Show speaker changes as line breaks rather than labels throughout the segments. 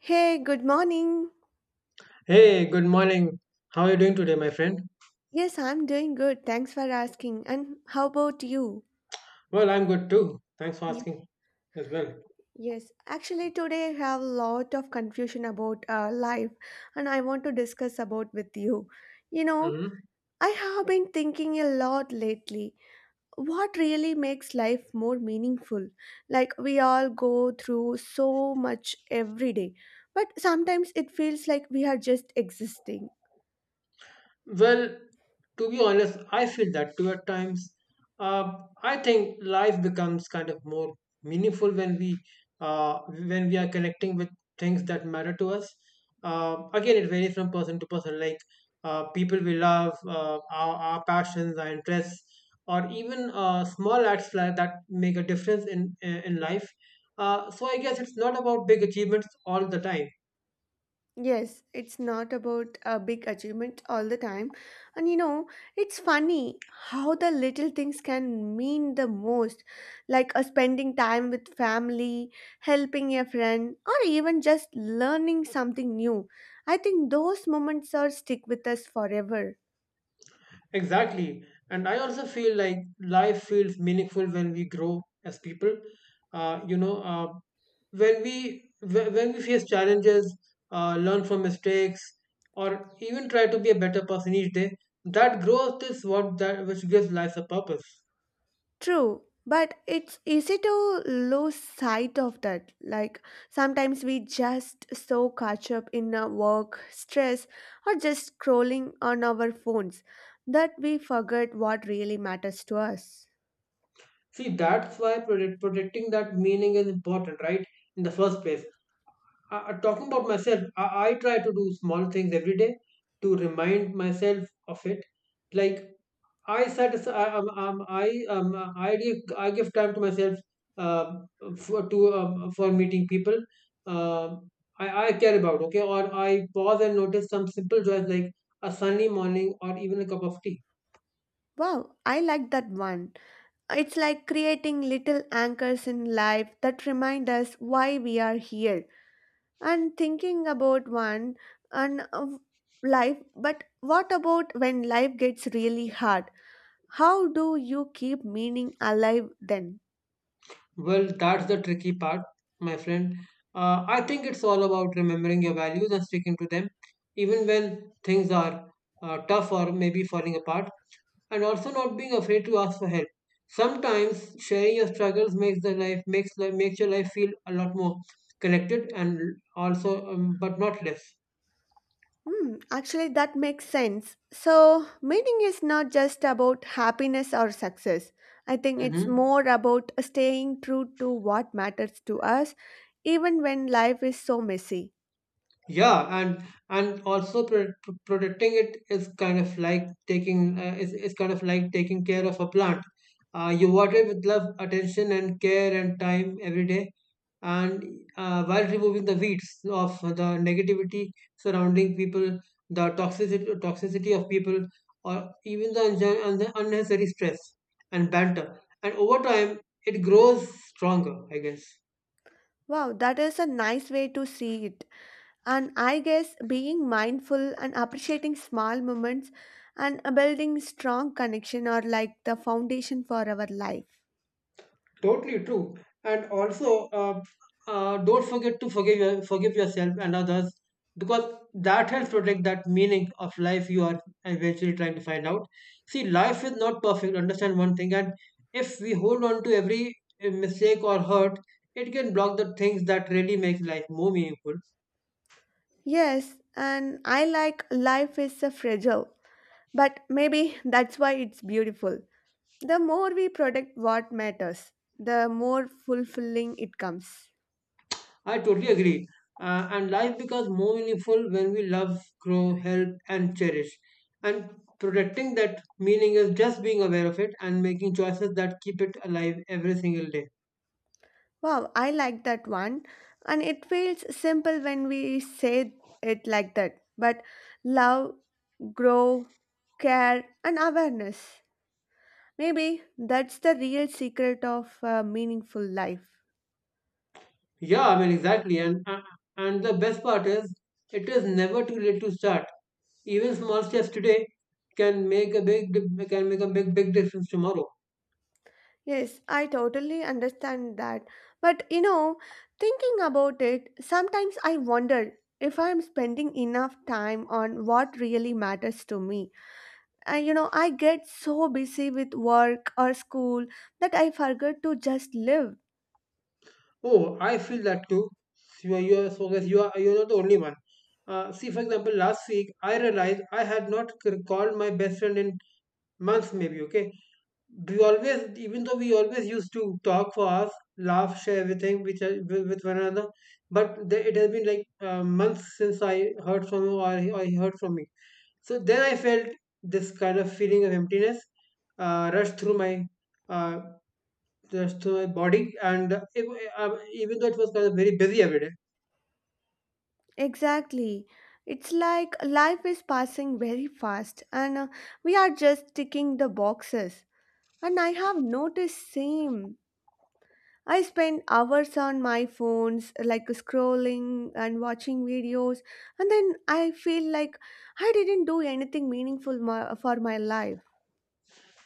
Hey, good morning.
Hey, good morning. How are you doing today, my friend?
Yes, I'm doing good. Thanks for asking. And how about you?
Well, I'm good too. Thanks for
Ye-
asking as well.
Yes, actually today I have a lot of confusion about life and I want to discuss about with you. You know,
hmm
I have been thinking a lot lately. What really makes life more meaningful? Like we all go through so much every day, but sometimes it feels like we are just existing.
Well, to be honest, I feel that too at times. Uh, I think life becomes kind of more meaningful when we are connecting with things that matter to us. Again, it varies from person to person. Like people we love, our passions, our interests, or even small acts like that make a difference in life. So I guess it's not about big achievements all the time.
Yes, it's not about a big achievement all the time. And you know, it's funny how the little things can mean the most, like spending time with family, helping a friend, or even just learning something new. I think those moments are stick with us forever.
Exactly. And I also feel like life feels meaningful when we grow as people. Uh, you know, uh, when we face challenges, learn from mistakes, or even try to be a better person each day, that growth is what that which gives life a purpose.
True, but it's easy to lose sight of that. Like sometimes we just so catch up in our work, stress, or just scrolling on our phones that we forget what really matters to us.
See, that's why protecting that meaning is important, right? In the first place. Talking about myself, I try to do small things every day to remind myself of it like I satisfy. I give time to myself uh, for to for meeting people. Um I care about okay, or I pause and notice some simple joys like a sunny morning or even a cup of tea.
Wow, I like that one. It's like creating little anchors in life that remind us why we are here. And thinking about one and of life, but what about when life gets really hard? How do you keep meaning alive then?
Well, that's the tricky part, my friend. I think it's all about remembering your values and sticking to them, even when things are tough or maybe falling apart, and also not being afraid to ask for help. Sometimes sharing your struggles makes the life makes li- makes your life feel a lot more connected and also, but not less.
Hmm, actually, that makes sense. So, meaning is not just about happiness or success. I think it's
Mm-hmm.
more about staying true to what matters to us, even when life is so messy.
Yeah, and also protecting it is kind of like taking care of a plant. You water it with love, attention, and care and time every day, and while removing the weeds of the negativity surrounding people, the toxicity of people, or even the unnecessary stress and banter. And over time, it grows stronger, I guess.
Wow, that is a nice way to see it. And I guess being mindful and appreciating small moments and building strong connection are like the foundation for our life.
Totally true. And also, don't forget to forgive yourself and others because that helps protect that meaning of life you are eventually trying to find out. See, life is not perfect. Understand one thing, and if we hold on to every mistake or hurt, it can block the things that really make life more meaningful.
Yes, and I like life is a fragile, but maybe that's why it's beautiful. The more we protect what matters, the more fulfilling it comes.
I totally agree. And life becomes more meaningful when we love, grow, help, and cherish. And protecting that meaning is just being aware of it and making choices that keep it alive every single day.
Wow, I like that one, and it feels simple when we say it like that. But love, grow, care, and awareness. Maybe that's the real secret of a meaningful life.
Yeah, I mean, exactly. And the best part is, it is never too late to start. Even small steps today can make a big, big difference tomorrow.
Yes, I totally understand that. But you know, thinking about it, sometimes I wonder if I'm spending enough time on what really matters to me. I, you know, I get so busy with work or school that I forget to just live.
Oh, I feel that too. So, you are, so guys, you are, you're not the only one. See, for example, last week I realized I had not called my best friend in months, maybe. Okay, even though we always used to talk for hours, laugh, share everything with one another, but it has been like months since I heard from you or he heard from me. So then I felt this kind of feeling of emptiness rush through my uh, that's to my body, and even though it was kind of very busy every day,
Exactly. It's like life is passing very fast and we are just ticking the boxes. And I have noticed same. I spend hours on my phones, like scrolling and watching videos, and then I feel like I didn't do anything meaningful for my life.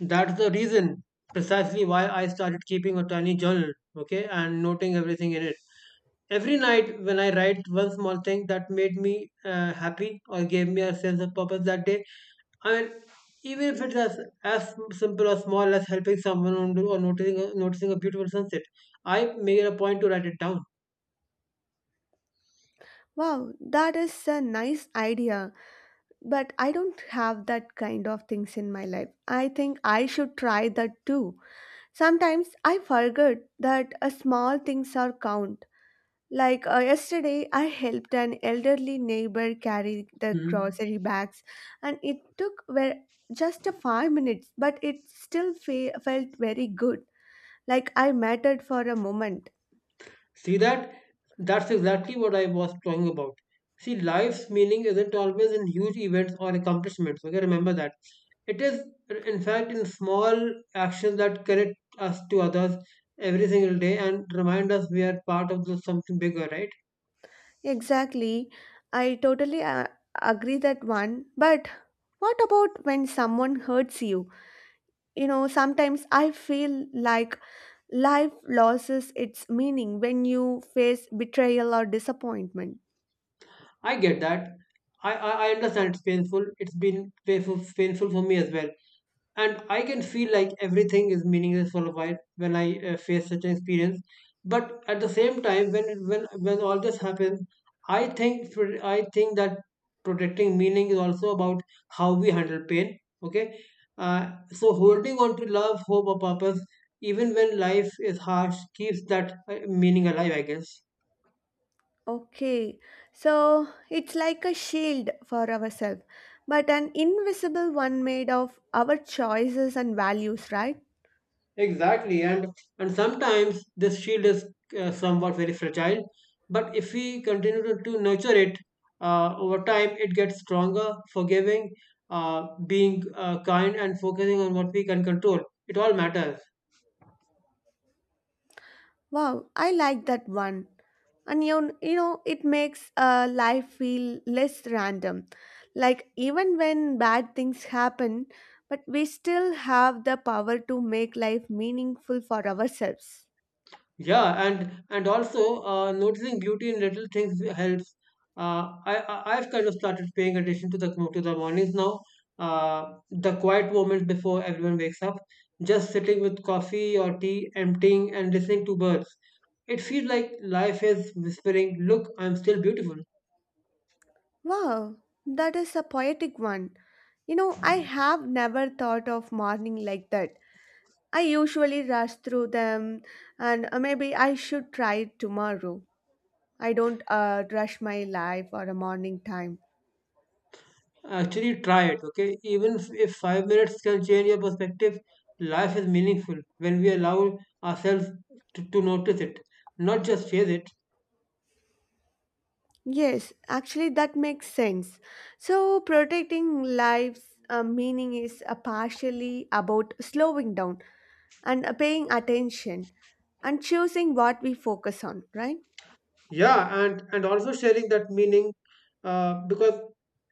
that's the reason precisely why I started keeping a tiny journal, okay, and noting everything in it. Every night, when I write one small thing that made me happy or gave me a sense of purpose that day, I mean, even if it's as simple or small as helping someone or noticing a beautiful sunset, I make it a point to write it down.
Wow, that is a nice idea, but I don't have that kind of things in my life. I think I should try that too. Sometimes I forget that small things are count. Like yesterday, I helped an elderly neighbor carry the
Mhm.
grocery bags, and it took were just a 5 minutes, but it still felt very good. Like I mattered for a moment.
See that? That's exactly what I was talking about. See, life's meaning isn't always in huge events or accomplishments. Okay, remember that. It is, in fact, in small actions that connect us to others every single day and remind us we are part of something bigger, right?
Exactly, I totally agree that one. But what about when someone hurts you? You know, sometimes I feel like life loses its meaning when you face betrayal or disappointment.
I get that. I understand it's painful. It's been painful for me as well. And I can feel like everything is meaningless for a while when I face such an experience. But at the same time, when it- when all this happens, I think for- I think that protecting meaning is also about how we handle pain. Okay, uh, so holding on to love, hope, or purpose, even when life is harsh, keeps that meaning alive. I guess.
Okay, so it's like a shield for ourselves, but an invisible one made of our choices and values, right?
Exactly, and sometimes this shield is somewhat very fragile, but if we continue to nurture it over time, it gets stronger, forgiving, being kind, and focusing on what we can control. It all matters.
Wow, I like that one. And you know, it makes life feel less random. Like, even when bad things happen, but we still have the power to make life meaningful for ourselves.
Yeah, and also noticing beauty in little things helps. I've kind of started paying attention to the mornings now. The quiet moments before everyone wakes up, just sitting with coffee or tea, emptying and listening to birds. It feels like life is whispering, "Look, I'm still beautiful."
Wow, that is a poetic one. You know, I have never thought of morning like that. I usually rush through them, and maybe I should try it tomorrow. I don't rush my life or a morning time.
Actually, try it. Okay, even if 5 minutes can change your perspective, life is meaningful when we allow ourselves to notice it, not just chase it.
Yes, actually, that makes sense. So, protecting lives' meaning is partially about slowing down and paying attention and choosing what we focus on, right?
Yeah, and also sharing that meaning uh, because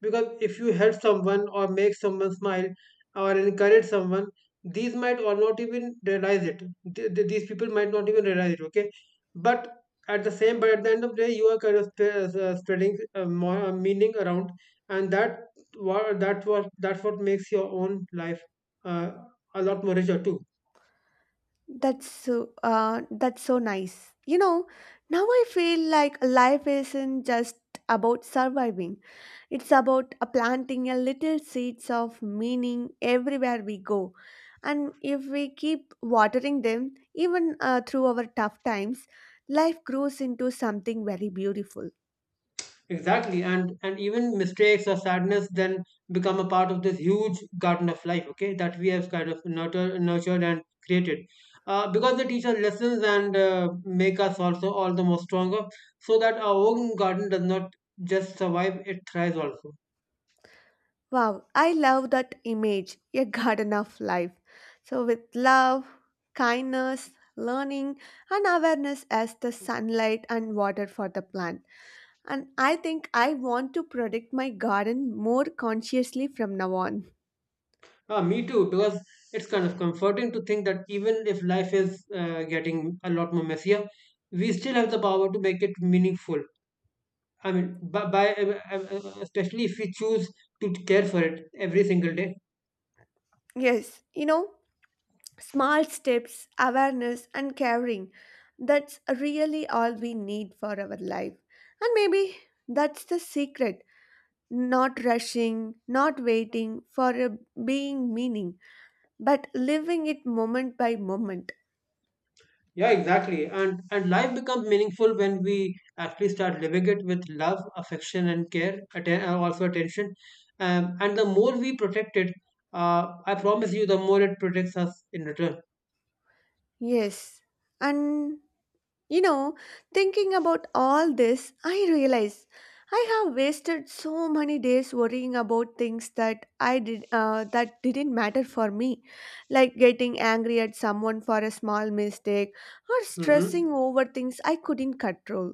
because if you help someone or make someone smile or encourage someone these might or not even realize it these people might not even realize it, okay, but at the end of the day you are kind of spreading more meaning around, and that's what makes your own life uh, a lot more richer too.
That's so nice. You know, now I feel like life isn't just about surviving. It's about planting a little seeds of meaning everywhere we go. And if we keep watering them, even through our tough times, life grows into something very beautiful.
Exactly, and even mistakes or sadness then become a part of this huge garden of life. Okay, that we have kind of nurtured and created, because they teach us lessons and make us also all the more stronger, so that our own garden does not just survive; it thrives also.
Wow, I love that image, a garden of life. So, with love, kindness, learning, and awareness as the sunlight and water for the plant. And I think I want to protect my garden more consciously from now on.
Ah, me too, because it's kind of comforting to think that even if life is getting a lot more messier, we still have the power to make it meaningful. I mean, by especially if we choose to care for it every single day.
Yes, you know, small steps, awareness, and caring. That's really all we need for our life. And maybe that's the secret not rushing, not waiting for a being meaning, but living it moment by moment.
Yeah, exactly. And life becomes meaningful when we actually start living it with love, affection, and care, also attention. And the more we protect it, I promise you, the more it protects us in return.
Yes. And you know, thinking about all this, I realize I have wasted so many days worrying about things that I did that didn't matter for me, like getting angry at someone for a small mistake or stressing
hmm
over things I couldn't control.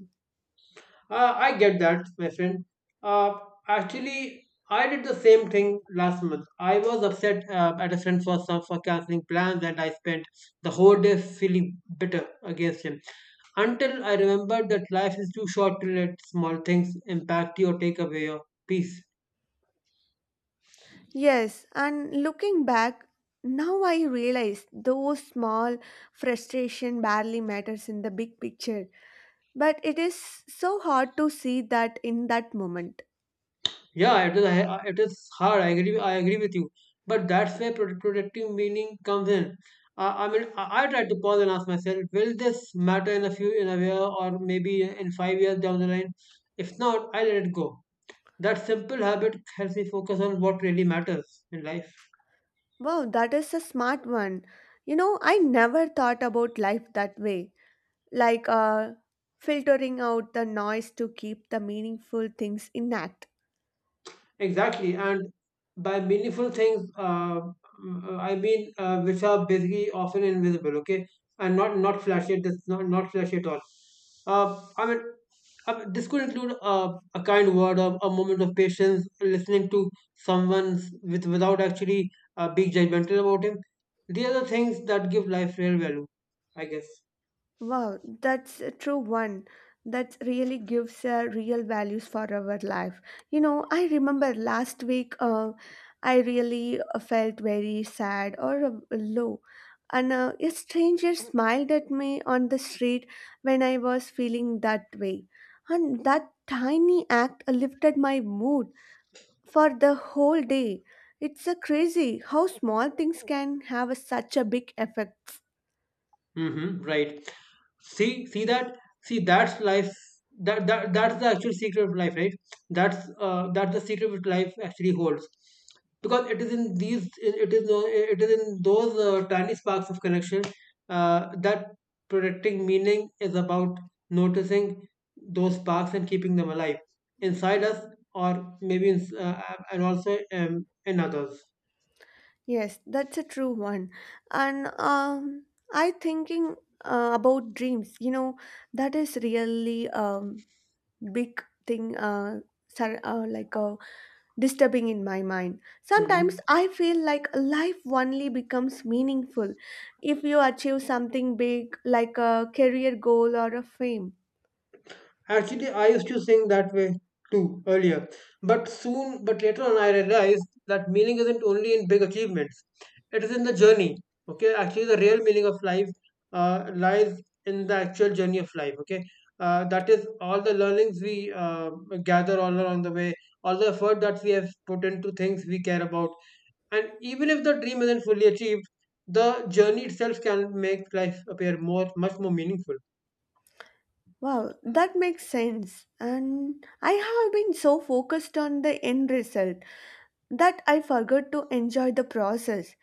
I get that, my friend. Uh, actually, I did the same thing last month. I was upset at a friend for canceling plans, and I spent the whole day feeling bitter against him until I remembered that life is too short to let small things impact you or take away your peace.
Yes, and looking back, now I realize those small frustration barely matters in the big picture, but it is so hard to see that in that moment.
Yeah, it is hard. I agree. I agree with you. But that's where protective meaning comes in. I mean, I try to pause and ask myself, will this matter in a year, or maybe in 5 years down the line? If not, I let it go. That simple habit helps me focus on what really matters in life.
Wow, that is a smart one. You know, I never thought about life that way. Like filtering out the noise to keep the meaningful things intact.
Exactly, and by meaningful things, I mean which are basically often invisible. Okay, and not not flashy. That's not not flashy at all. Uh, I mean, this could include a kind word, a moment of patience, listening to with without actually being judgmental about him. These are the things that give life real value, I guess.
Wow, that's a true one. That really gives real values for our life. You know, I remember last week I really felt very sad or low. And a stranger smiled at me on the street when I was feeling that way. And that tiny act lifted my mood for the whole day. It's crazy how small things can have such a big effect.
Mm-hmm, right. See, see that. See, that's life. That's the actual secret of life, right? That's the secret which life actually holds, because it is in these, it is no, it is in those tiny sparks of connection that protecting meaning is about noticing those sparks and keeping them alive inside us, or maybe and also in others.
Yes, that's a true one. And I thinking about dreams, you know, that is really big thing sar- uh, like uh, disturbing in my mind. Sometimes
Mm-hmm.
I feel like life only becomes meaningful if you achieve something big like a career goal or a fame.
Actually, I used to sing that way too earlier, but soon, but later on, I realized that meaning isn't only in big achievements; it is in the journey. Okay, actually, the real meaning of life lies in the actual journey of life. Okay, that is all the learnings we gather all along the way, all the effort that we have put into things we care about, and even if the dream isn't fully achieved, the journey itself can make life appear much more meaningful.
Wow, that makes sense. And I have been so focused on the end result that I forgot to enjoy the process.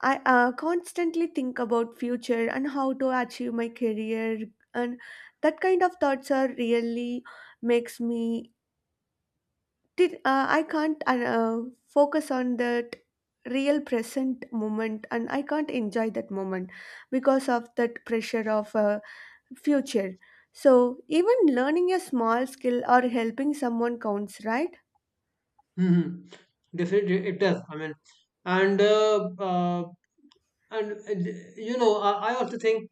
I constantly think about future and how to achieve my career, and that kind of thoughts are really makes me. I can't focus on that real present moment, and I can't enjoy that moment because of that pressure of future. So even learning a small skill or helping someone counts, right?
Mm-hmm. Definitely, it does. I mean, and uh, uh, and uh, I also think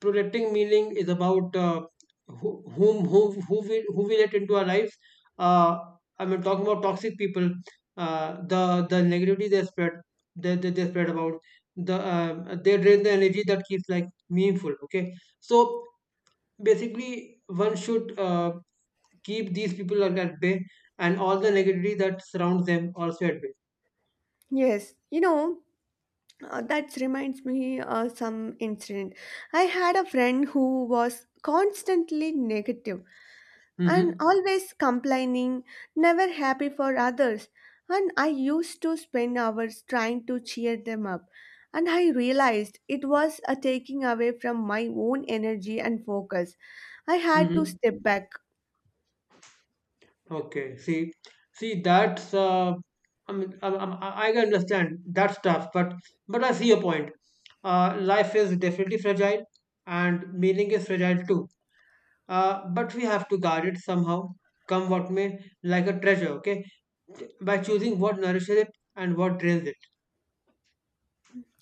protecting meaning is about who, whom who we let into our lives. Uh, I mean, talking about toxic people, the negativity they spread, they spread about they drain the energy that keeps like meaningful. Okay, so basically, one should keep these people at bay and all the negativity that surrounds them also at bay.
Yes, you know that reminds me some incident. I had a friend who was constantly negative and
Mm-hmm.
always complaining, never happy for others. And I used to spend hours trying to cheer them up. And I realized it was a taking away from my own energy and focus. I had to
Mm-hmm.
step back.
Okay. See, that's I mean, I can understand that's tough, but I see your point. Life is definitely fragile, and meaning is fragile too. But we have to guard it somehow, come what may, like a treasure. Okay, by choosing what nourishes it and what drains it.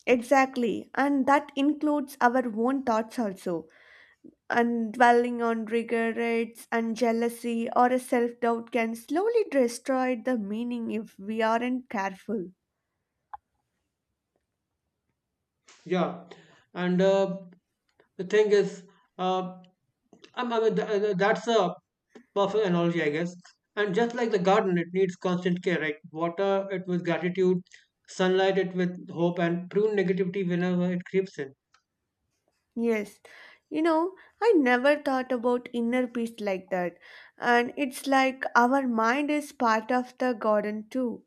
Exactly. And that includes our own thoughts also. And dwelling on regrets and jealousy or a self doubt can slowly destroy the meaning if we aren't careful.
Yeah, and the thing is, uh, that's a perfect analogy, I guess. And just like the garden, it needs constant care, right? Water it with gratitude, sunlight it with hope, and prune negativity whenever it creeps in.
Yes, you know, I never thought about inner peace like that. And it's like our mind is part of the garden too.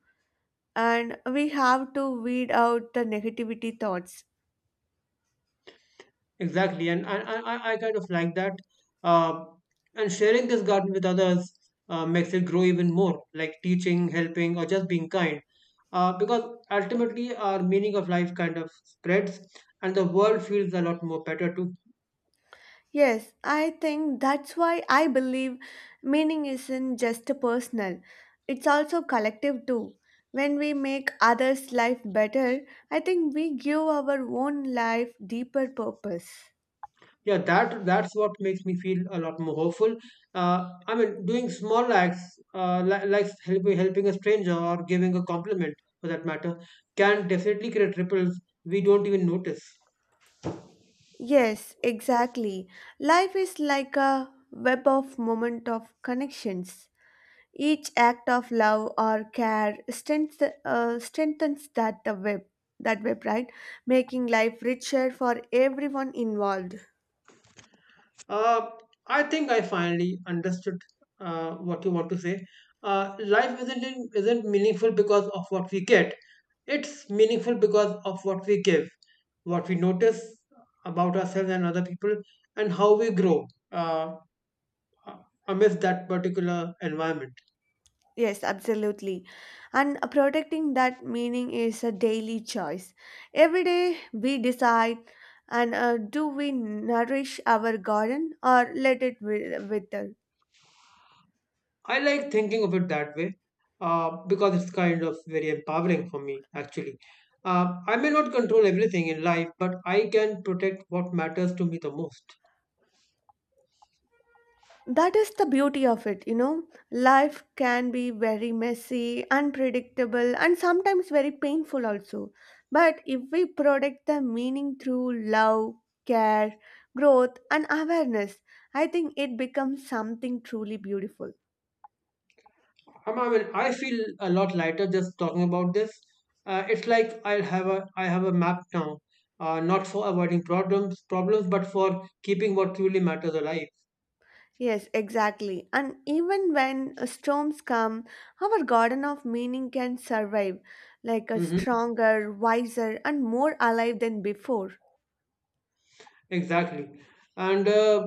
And we have to weed out the negativity thoughts.
Exactly, and I kind of like that. Uh, and sharing this garden with others makes it grow even more, like teaching, helping, or just being kind. Because ultimately, our meaning of life kind of spreads, and the world feels a lot more better too.
Yes, I think that's why I believe meaning isn't just personal, it's also collective too. When we make others' life better, I think we give our own life deeper purpose.
Yeah, that's what makes me feel a lot more hopeful. uh, I mean, doing small acts, like helping a stranger or giving a compliment, for that matter, can definitely create ripples we don't even notice.
Yes, exactly. Life is like a web of moment of connections. Each act of love or care strengthens that web, right? Making life richer for everyone involved.
uh, I think I finally understood what you want to say. Life isn't meaningful because of what we get, it's meaningful because of what we give, what we notice about ourselves and other people, and how we grow, uh, uh, amidst that particular environment.
Yes, absolutely. And protecting that meaning is a daily choice. Every day we decide and do we nourish our garden or let it wither?
I like thinking of it that way, because it's kind of very empowering for me, actually. I may not control everything in life, but I can protect what matters to me the most.
That is the beauty of it, you know. Life can be very messy, unpredictable, and sometimes very painful also. But if we protect the meaning through love, care, growth, and awareness, I think it becomes something truly beautiful.
I mean, I feel a lot lighter just talking about this. It's like I have a map now, not for avoiding problems, but for keeping what truly matters alive.
Yes, exactly. And even when storms come, our garden of meaning can survive, like a
Mm-hmm.
stronger, wiser, and more alive than before.
Exactly. And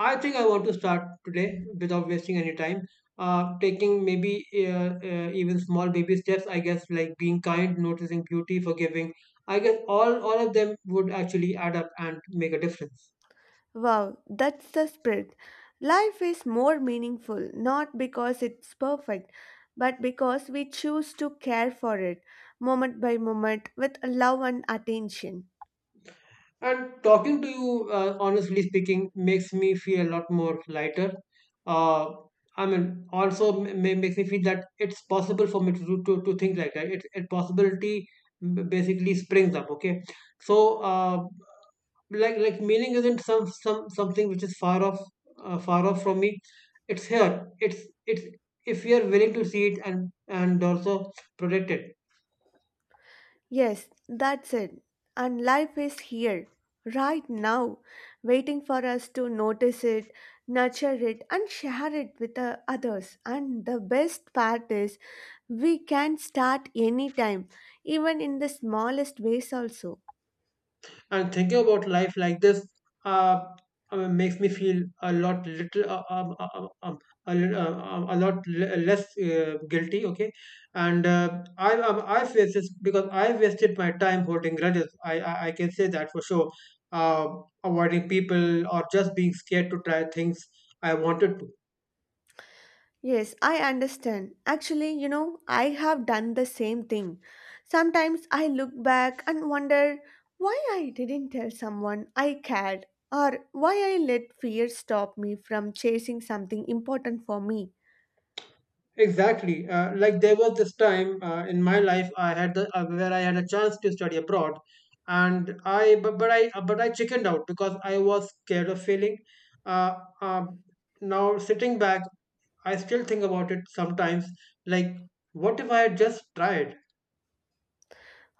I think I want to start today without wasting any time. Taking maybe even small baby steps, I guess, like being kind, noticing beauty, forgiving. I guess all of them would actually add up and make a difference.
Wow, that's the spirit. Life is more meaningful, not because it's perfect, but because we choose to care for it moment by moment with love and attention.
And talking to you, honestly speaking, makes me feel a lot more lighter. Uh, I mean, also makes me feel that it's possible for me to think like that. It Possibility basically springs up. Okay, so uh, like meaning isn't something which is far off, far off from me. It's here. It's, if we are willing to see it, and also protect it.
Yes, that's it. And life is here, right now, waiting for us to notice it, nurture it, and share it with the others. And the best part is, we can start anytime, even in the smallest ways, also.
And thinking about life like this, uh, makes me feel a lot little a, lit- a lot less guilty. Okay, and I I face this because I wasted my time holding grudges. I can say that for sure. uh, Avoiding people or just being scared to try things I wanted to.
Yes, I understand. Actually, you know, I have done the same thing. Sometimes I look back and wonder why I didn't tell someone I cared or why I let fear stop me from chasing something important for me.
Exactly. Like there was this time in my life I had the where I had a chance to study abroad, and I but I chickened out because I was scared of failing. Uh, uh, Now sitting back, I still think about it sometimes. Like, what if I had just tried?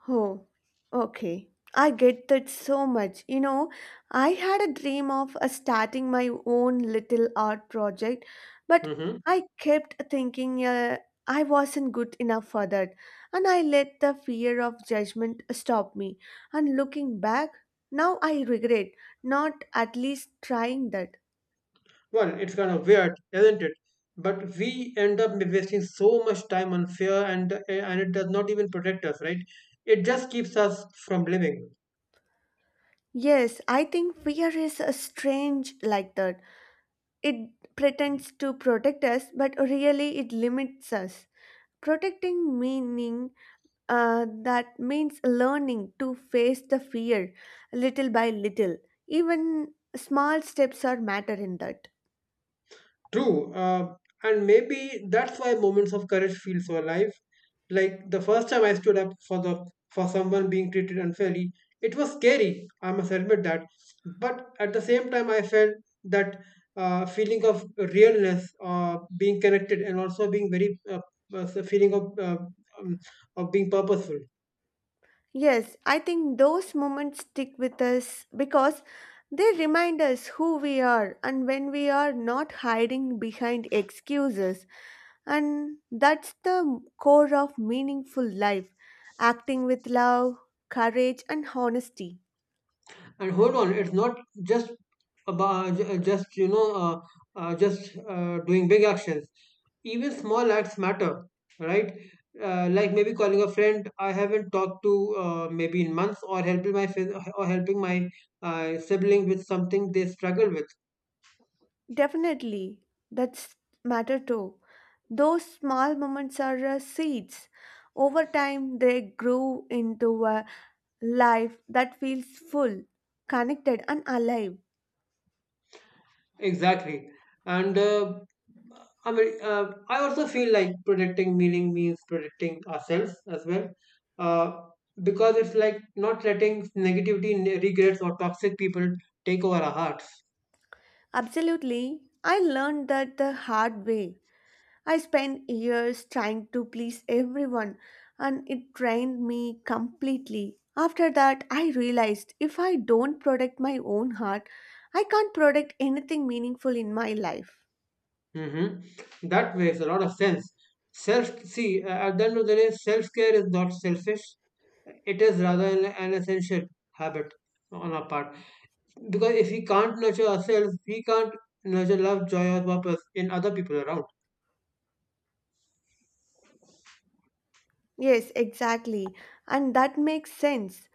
Oh, okay. I get that so much. You know, I had a dream of starting my own little art project, but
Hmm.
I kept thinking I wasn't good enough for that, and I let the fear of judgment stop me. And looking back, now I regret not at least trying that.
Well, it's kind of weird, isn't it? But we end up wasting so much time on fear, and it does not even protect us, right? It just keeps us from living.
Yes, I think fear is a strange like that. It pretends to protect us, but really it limits us. Protecting meaning that means learning to face the fear little by little. Even small steps are matter in that.
True. And maybe that's why moments of courage feel so alive. Like the first time I stood up for someone being treated unfairly, it was scary. I must admit that. But at the same time, I felt that feeling of realness, being connected, and also being very feeling um, of being purposeful.
Yes, I think those moments stick with us because they remind us who we are and when we are not hiding behind excuses. And that's the core of meaningful life acting with love, courage, and honesty.
And hold on, it's not just about just just doing big actions, even small acts matter, right? Like maybe calling a friend I haven't talked to maybe in months, or helping my sibling with something they struggle with.
Definitely, that's matter too. Those small moments are seeds. Over time, they grow into a life that feels full, connected, and alive.
Exactly. And uh, I also feel like protecting meaning means protecting ourselves as well. Uh, because it's like not letting regrets, or toxic people take over our hearts.
Absolutely, I learned that the hard way. I spent years trying to please everyone, and it drained me completely. After that, I realized if I don't protect my own heart, I can't protect anything meaningful in my life.
Mm-hmm. That makes a lot of sense. See, at the end of the day, self care is not selfish. It is rather an essential habit on our part. Because if we can't nurture ourselves, we can't nurture love, joy, or purpose in other people around.
Yes, exactly. And that makes sense.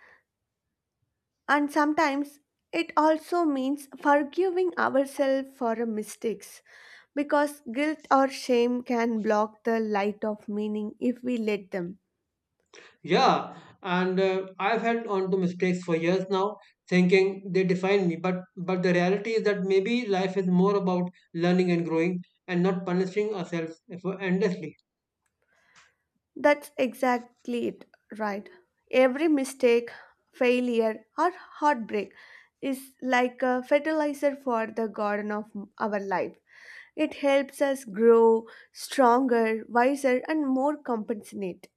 And sometimes it also means forgiving ourselves for our mistakes because guilt or shame can block the light of meaning if we let them.
Yeah, and I've held on to mistakes for years now, thinking they define me. But the reality is that maybe life is more about learning and growing, and not punishing ourselves for endlessly.
That's exactly it, right? Every mistake, failure, or heartbreak is like a fertilizer for the garden of our life. It helps us grow stronger, wiser, and more compassionate.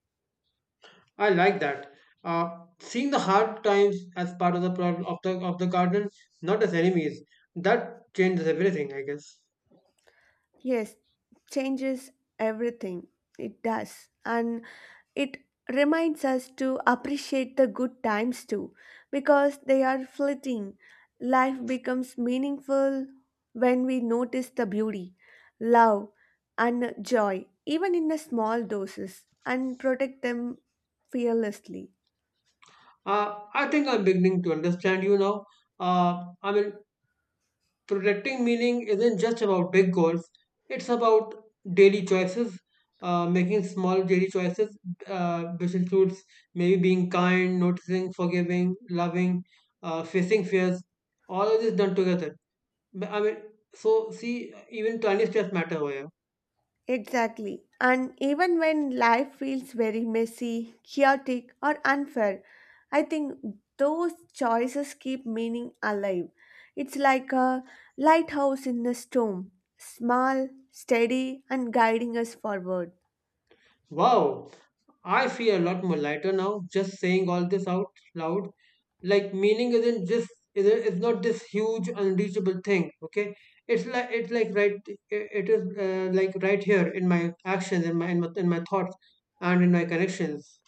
I like that. Uh, Seeing the hard times as part of the problem of the garden, not as enemies. That changes everything, I guess.
Yes, changes everything. It does. And it reminds us to appreciate the good times too, because they are fleeting. Life becomes meaningful when we notice the beauty, love, and joy, even in the small doses, and protect them fearlessly.
I think I'm beginning to understand you now. I mean, protecting meaning isn't just about big goals, it's about daily choices, making small daily choices which includes maybe being kind, noticing, forgiving, loving, facing fears, all of this done together. But, I mean, so, see, even tiny steps matter over here.
Exactly. And even when life feels very messy, chaotic, or unfair, I think those choices keep meaning alive. It's like a lighthouse in a storm, small, steady, and guiding us forward.
Wow, I feel a lot more lighter now just saying all this out loud. Like meaning isn't just is it's not this huge unreachable thing. Okay, it's like right it is, like right here in my actions, in in my thoughts, and in my connections.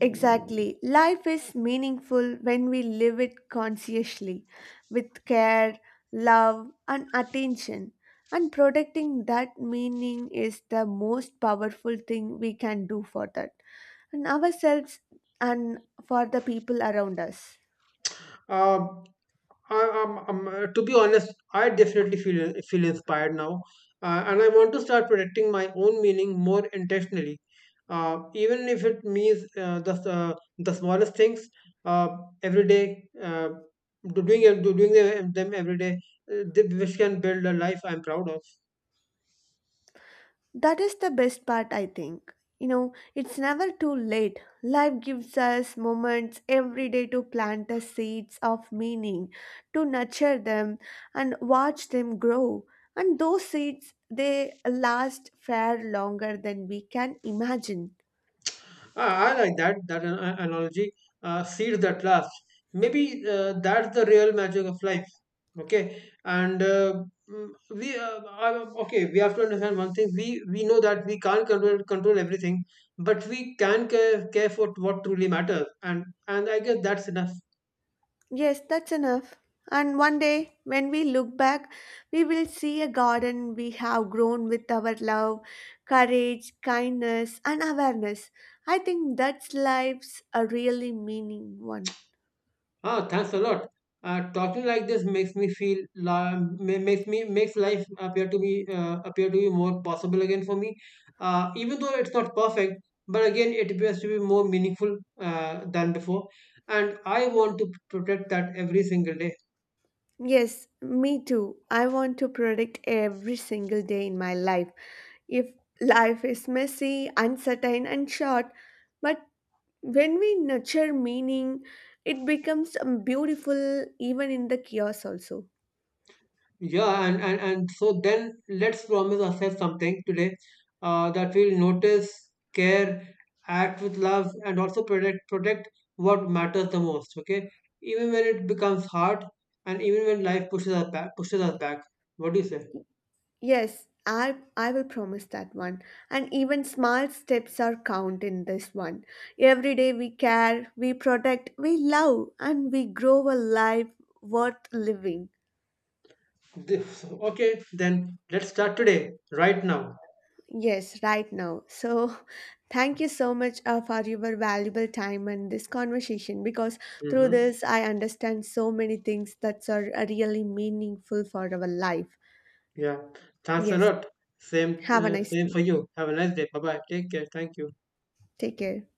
Exactly. Life is meaningful when we live it consciously, with care, love, and attention. And protecting that meaning is the most powerful thing we can do for that, and ourselves and for the people around us.
Uh, to be honest, I definitely feel inspired now, and I want to start protecting my own meaning more intentionally, even if it means the smallest things uh, every day, uh, doing them every day, which can build a life I'm proud of.
That is the best part, I think. You know, it's never too late. Life gives us moments every day to plant the seeds of meaning, to nurture them and watch them grow. And those seeds, they last far longer than we can imagine.
I like that analogy. Seeds that last. Maybe that's the real magic of life. Okay, and mm, we I- okay, we have to understand one thing. We know that we can't control everything, but we can care, care for what truly matters. And I guess that's enough.
Yes, that's enough. And one day, when we look back, we will see a garden we have grown with our love, courage, kindness, and awareness. I think that's life's a really meaning one.
Oh, thanks a lot. Talking like this makes me feel makes me makes life appear to be more possible again for me. Even though it's not perfect, but again it appears to be more meaningful than before. And I want to protect that every single day.
Yes, me too. I want to protect every single day in my life. If life is messy, uncertain, and short, but when we nurture meaning, it becomes beautiful even in the chaos also.
Yeah, and so then let's promise ourselves something today that we'll notice, care, act with love, and also protect what matters the most. Okay, even when it becomes hard, and even when life pushes us back. What do you say?
Yes, I will promise that one. And even small steps are count in this one. Every day we care, we protect, we love, and we grow a life worth living.
This, okay, then let's start today, right now.
Yes, right now. So, thank you so much for your valuable time and this conversation because through
Mm-hmm.
this I understand so many things that are really meaningful for our life.
Yeah, thanks a
Yes,
lot. Same,
have a nice
same
day.
for you. Have a nice day. Bye bye. Take care. Thank you.
Take care.